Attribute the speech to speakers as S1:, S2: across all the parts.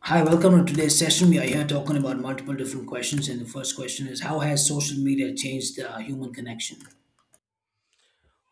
S1: Hi, welcome to today's session. We are here talking about multiple different questions, and the first question is: how has social media changed human connection?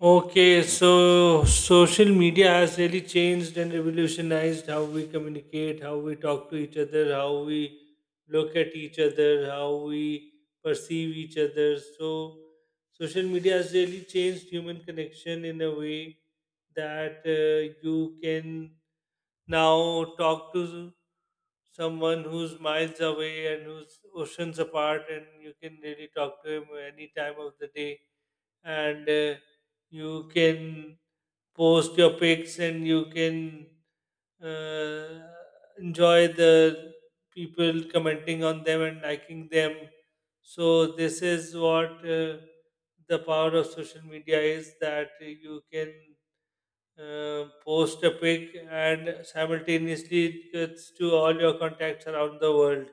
S2: Okay, so social media has really changed and revolutionized how we communicate, how we talk to each other, how we look at each other, how we perceive each other. So, social media has really changed human connection in a way that you can now talk to someone who's miles away and who's oceans apart, and you can really talk to him any time of the day and you can post your pics and you can uh, enjoy the people commenting on them and liking them. So this is what the power of social media is that you can post a pic and simultaneously it gets to all your contacts around the world.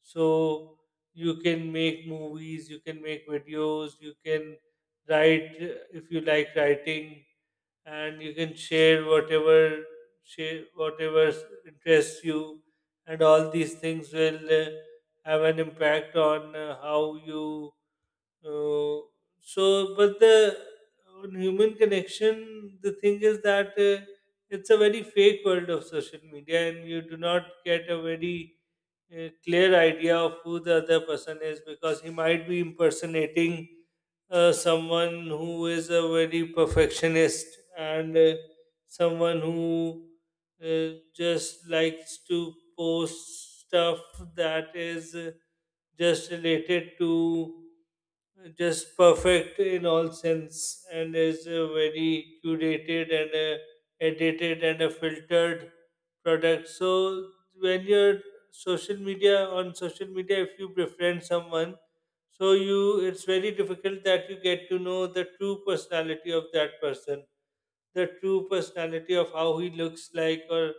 S2: So you can make movies, you can make videos, you can write if you like writing, and you can share interests you, and all these things will have an impact on how you. Uh, so, but the On human connection, the thing is that it's a very fake world of social media, and you do not get a clear idea of who the other person is because he might be impersonating someone who is a very perfectionist and someone who just likes to post stuff that is just related to just perfect in all sense and is a very curated and a edited and a filtered product. So when you're social media on social media, if you befriend someone, so you, it's very difficult that you get to know the true personality of that person, the true personality of how he looks like, or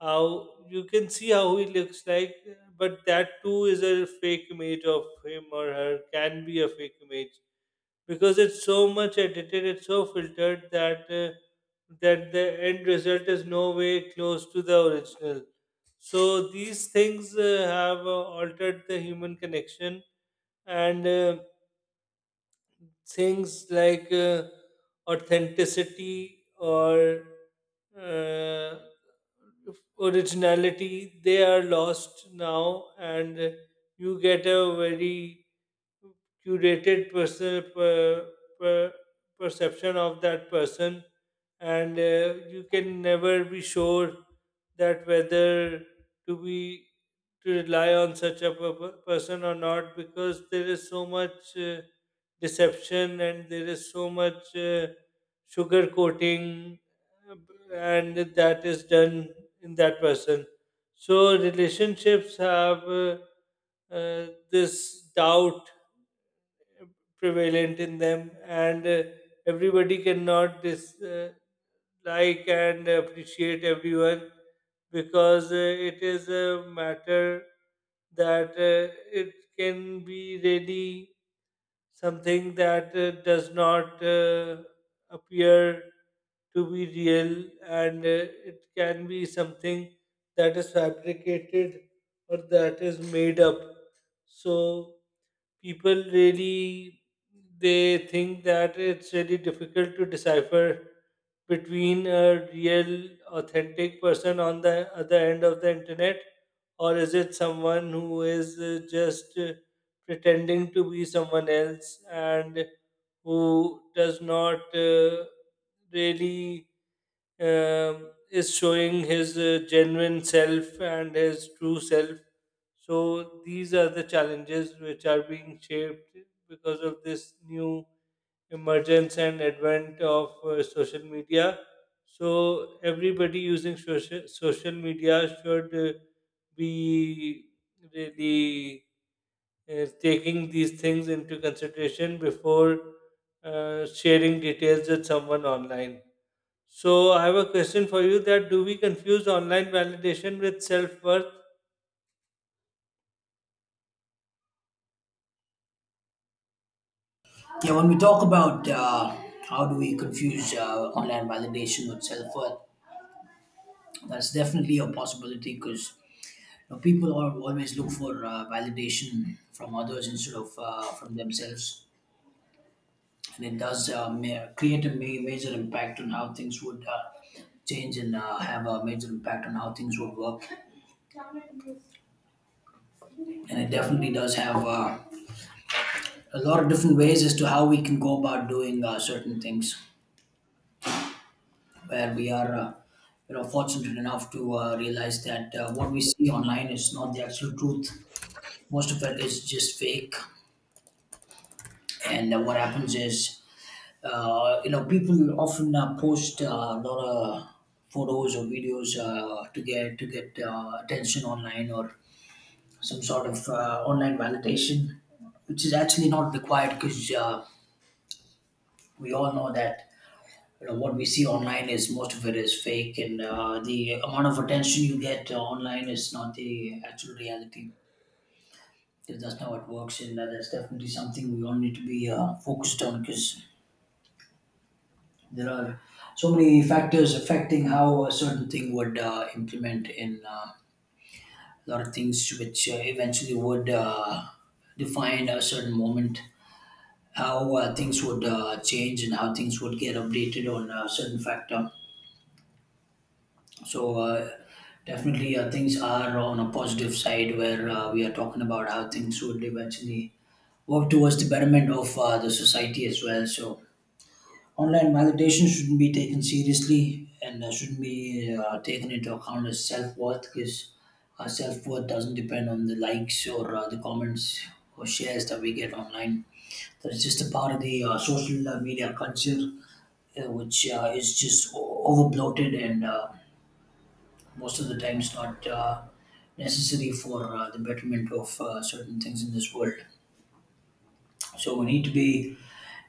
S2: how you can see how he looks like, but that too is a fake image of him or her, can be a fake image because it's so much edited, it's so filtered that that the end result is no way close to the original. So these things have altered the human connection and. Things like authenticity or uh, originality, they are lost now and you get a very curated per, perception of that person, and you can never be sure that whether to be to rely on such a person or not because there is so much deception and there is so much sugar coating and that is done in that person. So relationships have this doubt prevalent in them, and everybody cannot like and appreciate everyone because it is a matter that it can be really something that does not appear to be real, and it can be something that is fabricated or that is made up. So people really, they think that it's really difficult to decipher between a real authentic person on the other end of the internet or is it someone who is just pretending to be someone else and who does not really is showing his genuine self and his true self. So these are the challenges which are being shaped because of this new emergence and advent of social media. So everybody using social media should be really is taking these things into consideration before sharing details with someone online. So I have a question for you: that do we confuse online validation with self-worth?
S1: Yeah, when we talk about how do we confuse online validation with self worth, that's definitely a possibility because you know, people al always look for validation from others instead of from themselves, and it does create a major impact on how things would. Change and have a major impact on how things would work, and it definitely does have a lot of different ways as to how we can go about doing certain things where we are you know fortunate enough to realize that what we see online is not the actual truth. Most of it is just fake, and what happens is you know people often post a lot of photos or videos to get attention online or some sort of online validation, which is actually not required because we all know that you know what we see online is most of it is fake, and the amount of attention you get online is not the actual reality. If that's not how it works, and that's definitely something we all need to be focused on, because there are so many factors affecting how a certain thing would implement in a lot of things which eventually would define a certain moment, how things would change and how things would get updated on a certain factor. So definitely things are on a positive side where we are talking about how things would eventually work towards the betterment of the society as well. So online validation shouldn't be taken seriously and shouldn't be taken into account as self-worth, because our self-worth doesn't depend on the likes or the comments or shares that we get online. That's just a part of the social media culture, which is just over bloated, and most of the time it's not necessary for the betterment of certain things in this world. So we need to be,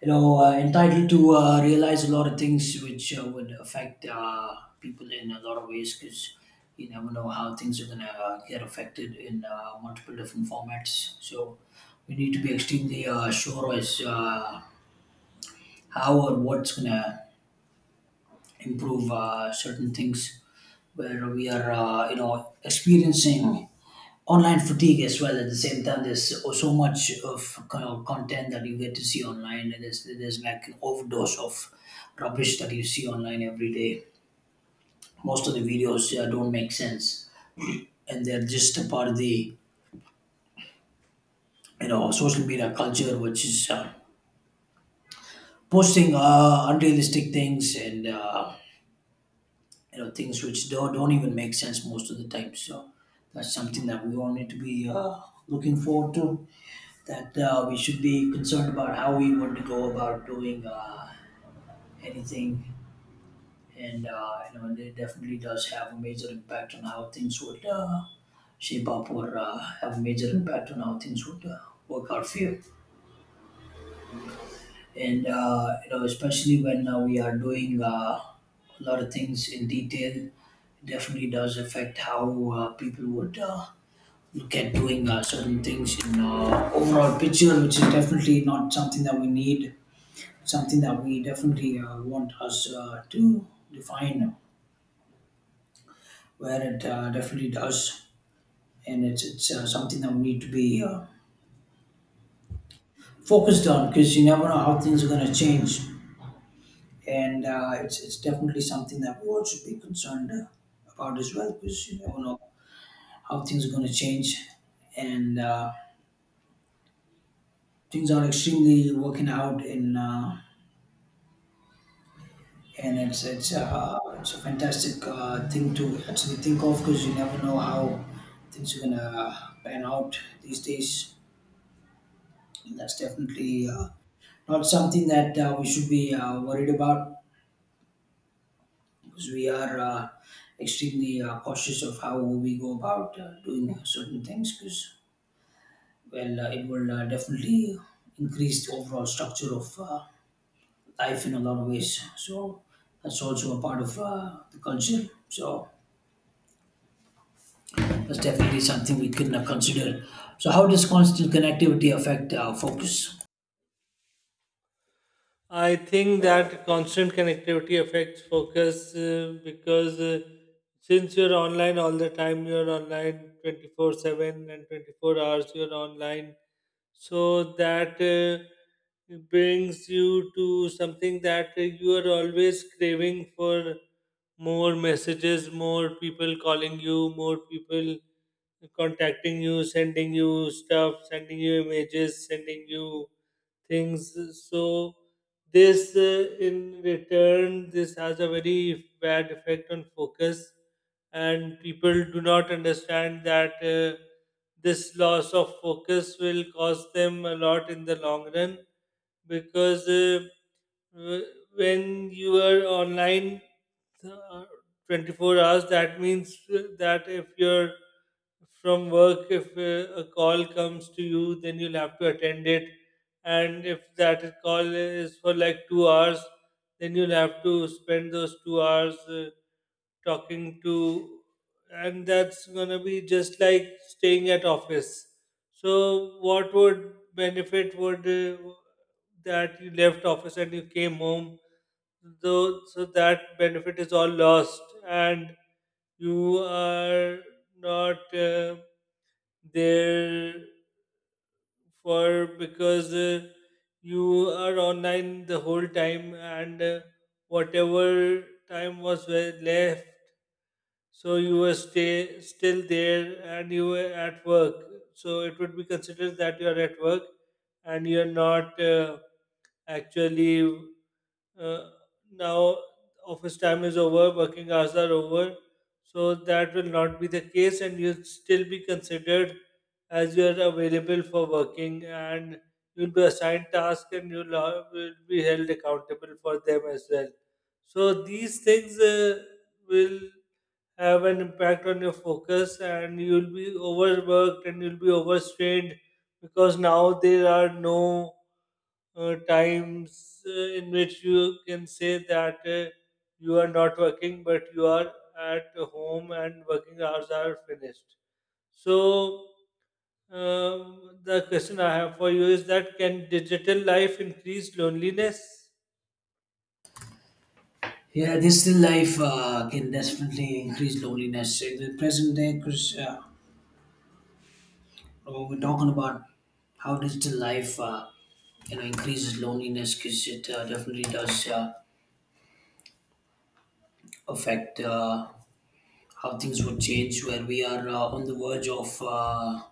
S1: you know, entitled to realize a lot of things which would affect people in a lot of ways, because you never know how things are gonna get affected in multiple different formats. So we need to be extremely sure as how or what's gonna improve certain things where we are, you know, experiencing online fatigue as well. At the same time, there's so much of kind of content that you get to see online, and there's like an overdose of rubbish that you see online every day. Most of the videos don't make sense, and they're just a part of the you know social media culture, which is posting unrealistic things and you know things which don't even make sense most of the time. So that's something that we all need to be looking forward to, that we should be concerned about how we would go about doing anything. And you know, it definitely does have a major impact on how things would shape up or have a major impact on how things would work out for you. And you know, especially when we are doing a lot of things in detail, it definitely does affect how people would look at doing certain things in overall picture, which is definitely not something that we need something that we definitely want us to define, where it definitely does, and it's something that we need to be focused on because you never know how things are going to change. And it's definitely something that we all should be concerned about as well, because you never know how things are going to change. And things are extremely working out in and it's a fantastic thing to actually think of, because you never know how things are gonna pan out these days. And that's definitely not something that we should be worried about, because we are extremely cautious of how we go about doing certain things. Because well, it will definitely increase the overall structure of life in a lot of ways. So that's also a part of the culture. So that's definitely something we could not consider. So, how does constant connectivity affect our focus?
S2: I think that constant connectivity affects focus because since you're online all the time, you're online 24/7 and 24 hours, you're online, so that brings you to something that you are always craving for: more messages, more people calling you, more people contacting you, sending you stuff, sending you images, sending you things. So, this in return, this has a very bad effect on focus, and people do not understand that this loss of focus will cost them a lot in the long run because w- when you are online uh, 24 hours, that means that if you're from work, if a call comes to you, then you'll have to attend it, and if that call is for like 2 hours, then you'll have to spend those 2 hours talking to, and that's gonna be just like staying at office. So what would benefit would that you left office and you came home, though, so that benefit is all lost, and you are not there for because you are online the whole time, and whatever time was left, so you were stay still there and you were at work, so it would be considered that you are at work and you are not actually uh, now office time is over, working hours are over. So that will not be the case, and you'll still be considered as you are available for working, and you'll be assigned tasks and you'll, have, will be held accountable for them as well. So these things will have an impact on your focus, and you'll be overworked and you'll be overstrained because now there are no times in which you can say that you are not working but you are at home and working hours are finished. So, the question I have for you is that can digital life increase loneliness?
S1: Yeah, this still life can definitely increase loneliness in the present day, because we're talking about how digital life you know increases loneliness, because it definitely does affect how things would change where we are on the verge of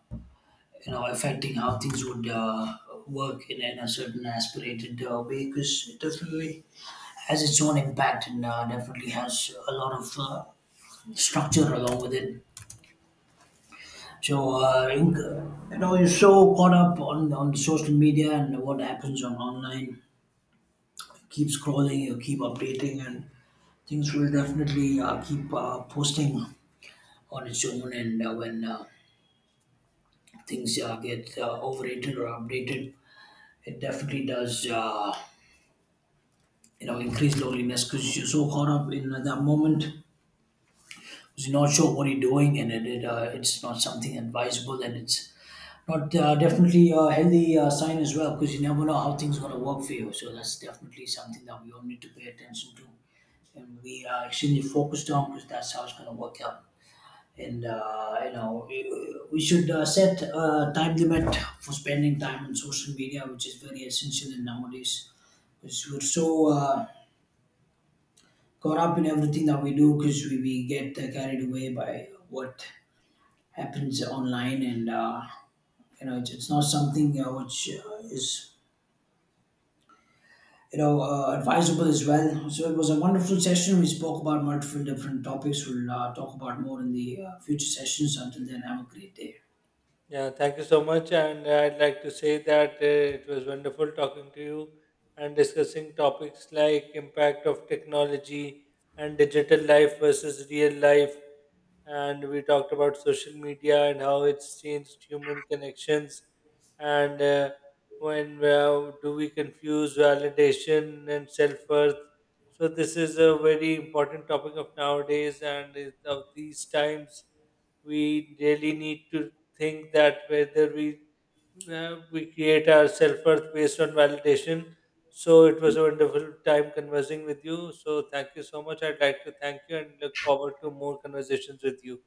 S1: you know affecting how things would work in a certain aspirated way, because it definitely has its own impact, and definitely has a lot of structure along with it. So, you know, you're so caught up on social media and what happens on online. Keep scrolling, you keep updating, and things will definitely keep posting on its own. And when things get overrated or updated, it definitely does, you know, increase loneliness, because you're so caught up in that moment, he's not sure what he's doing, and it's not something advisable, and it's not definitely a healthy sign as well, because you never know how things are going to work for you, so that's definitely something that we all need to pay attention to, and we are extremely focused on, because that's how it's going to work out. And you know we should set a time limit for spending time on social media, which is very essential in nowadays, because we're so caught up in everything that we do, because we get carried away by what happens online. And you know it's not something which is you know advisable as well. So it was a wonderful session, we spoke about multiple different topics, we'll talk about more in the future sessions. Until then, have a great day.
S2: Yeah, thank you so much. And I'd like to say that it was wonderful talking to you and discussing topics like impact of technology and digital life versus real life. And we talked about social media and how it's changed human connections. And when do we confuse validation and self worth? So this is a very important topic of nowadays and of these times. We really need to think that whether we create our self worth based on validation. So it was a wonderful time conversing with you. So thank you so much. I'd like to thank you and look forward to more conversations with you.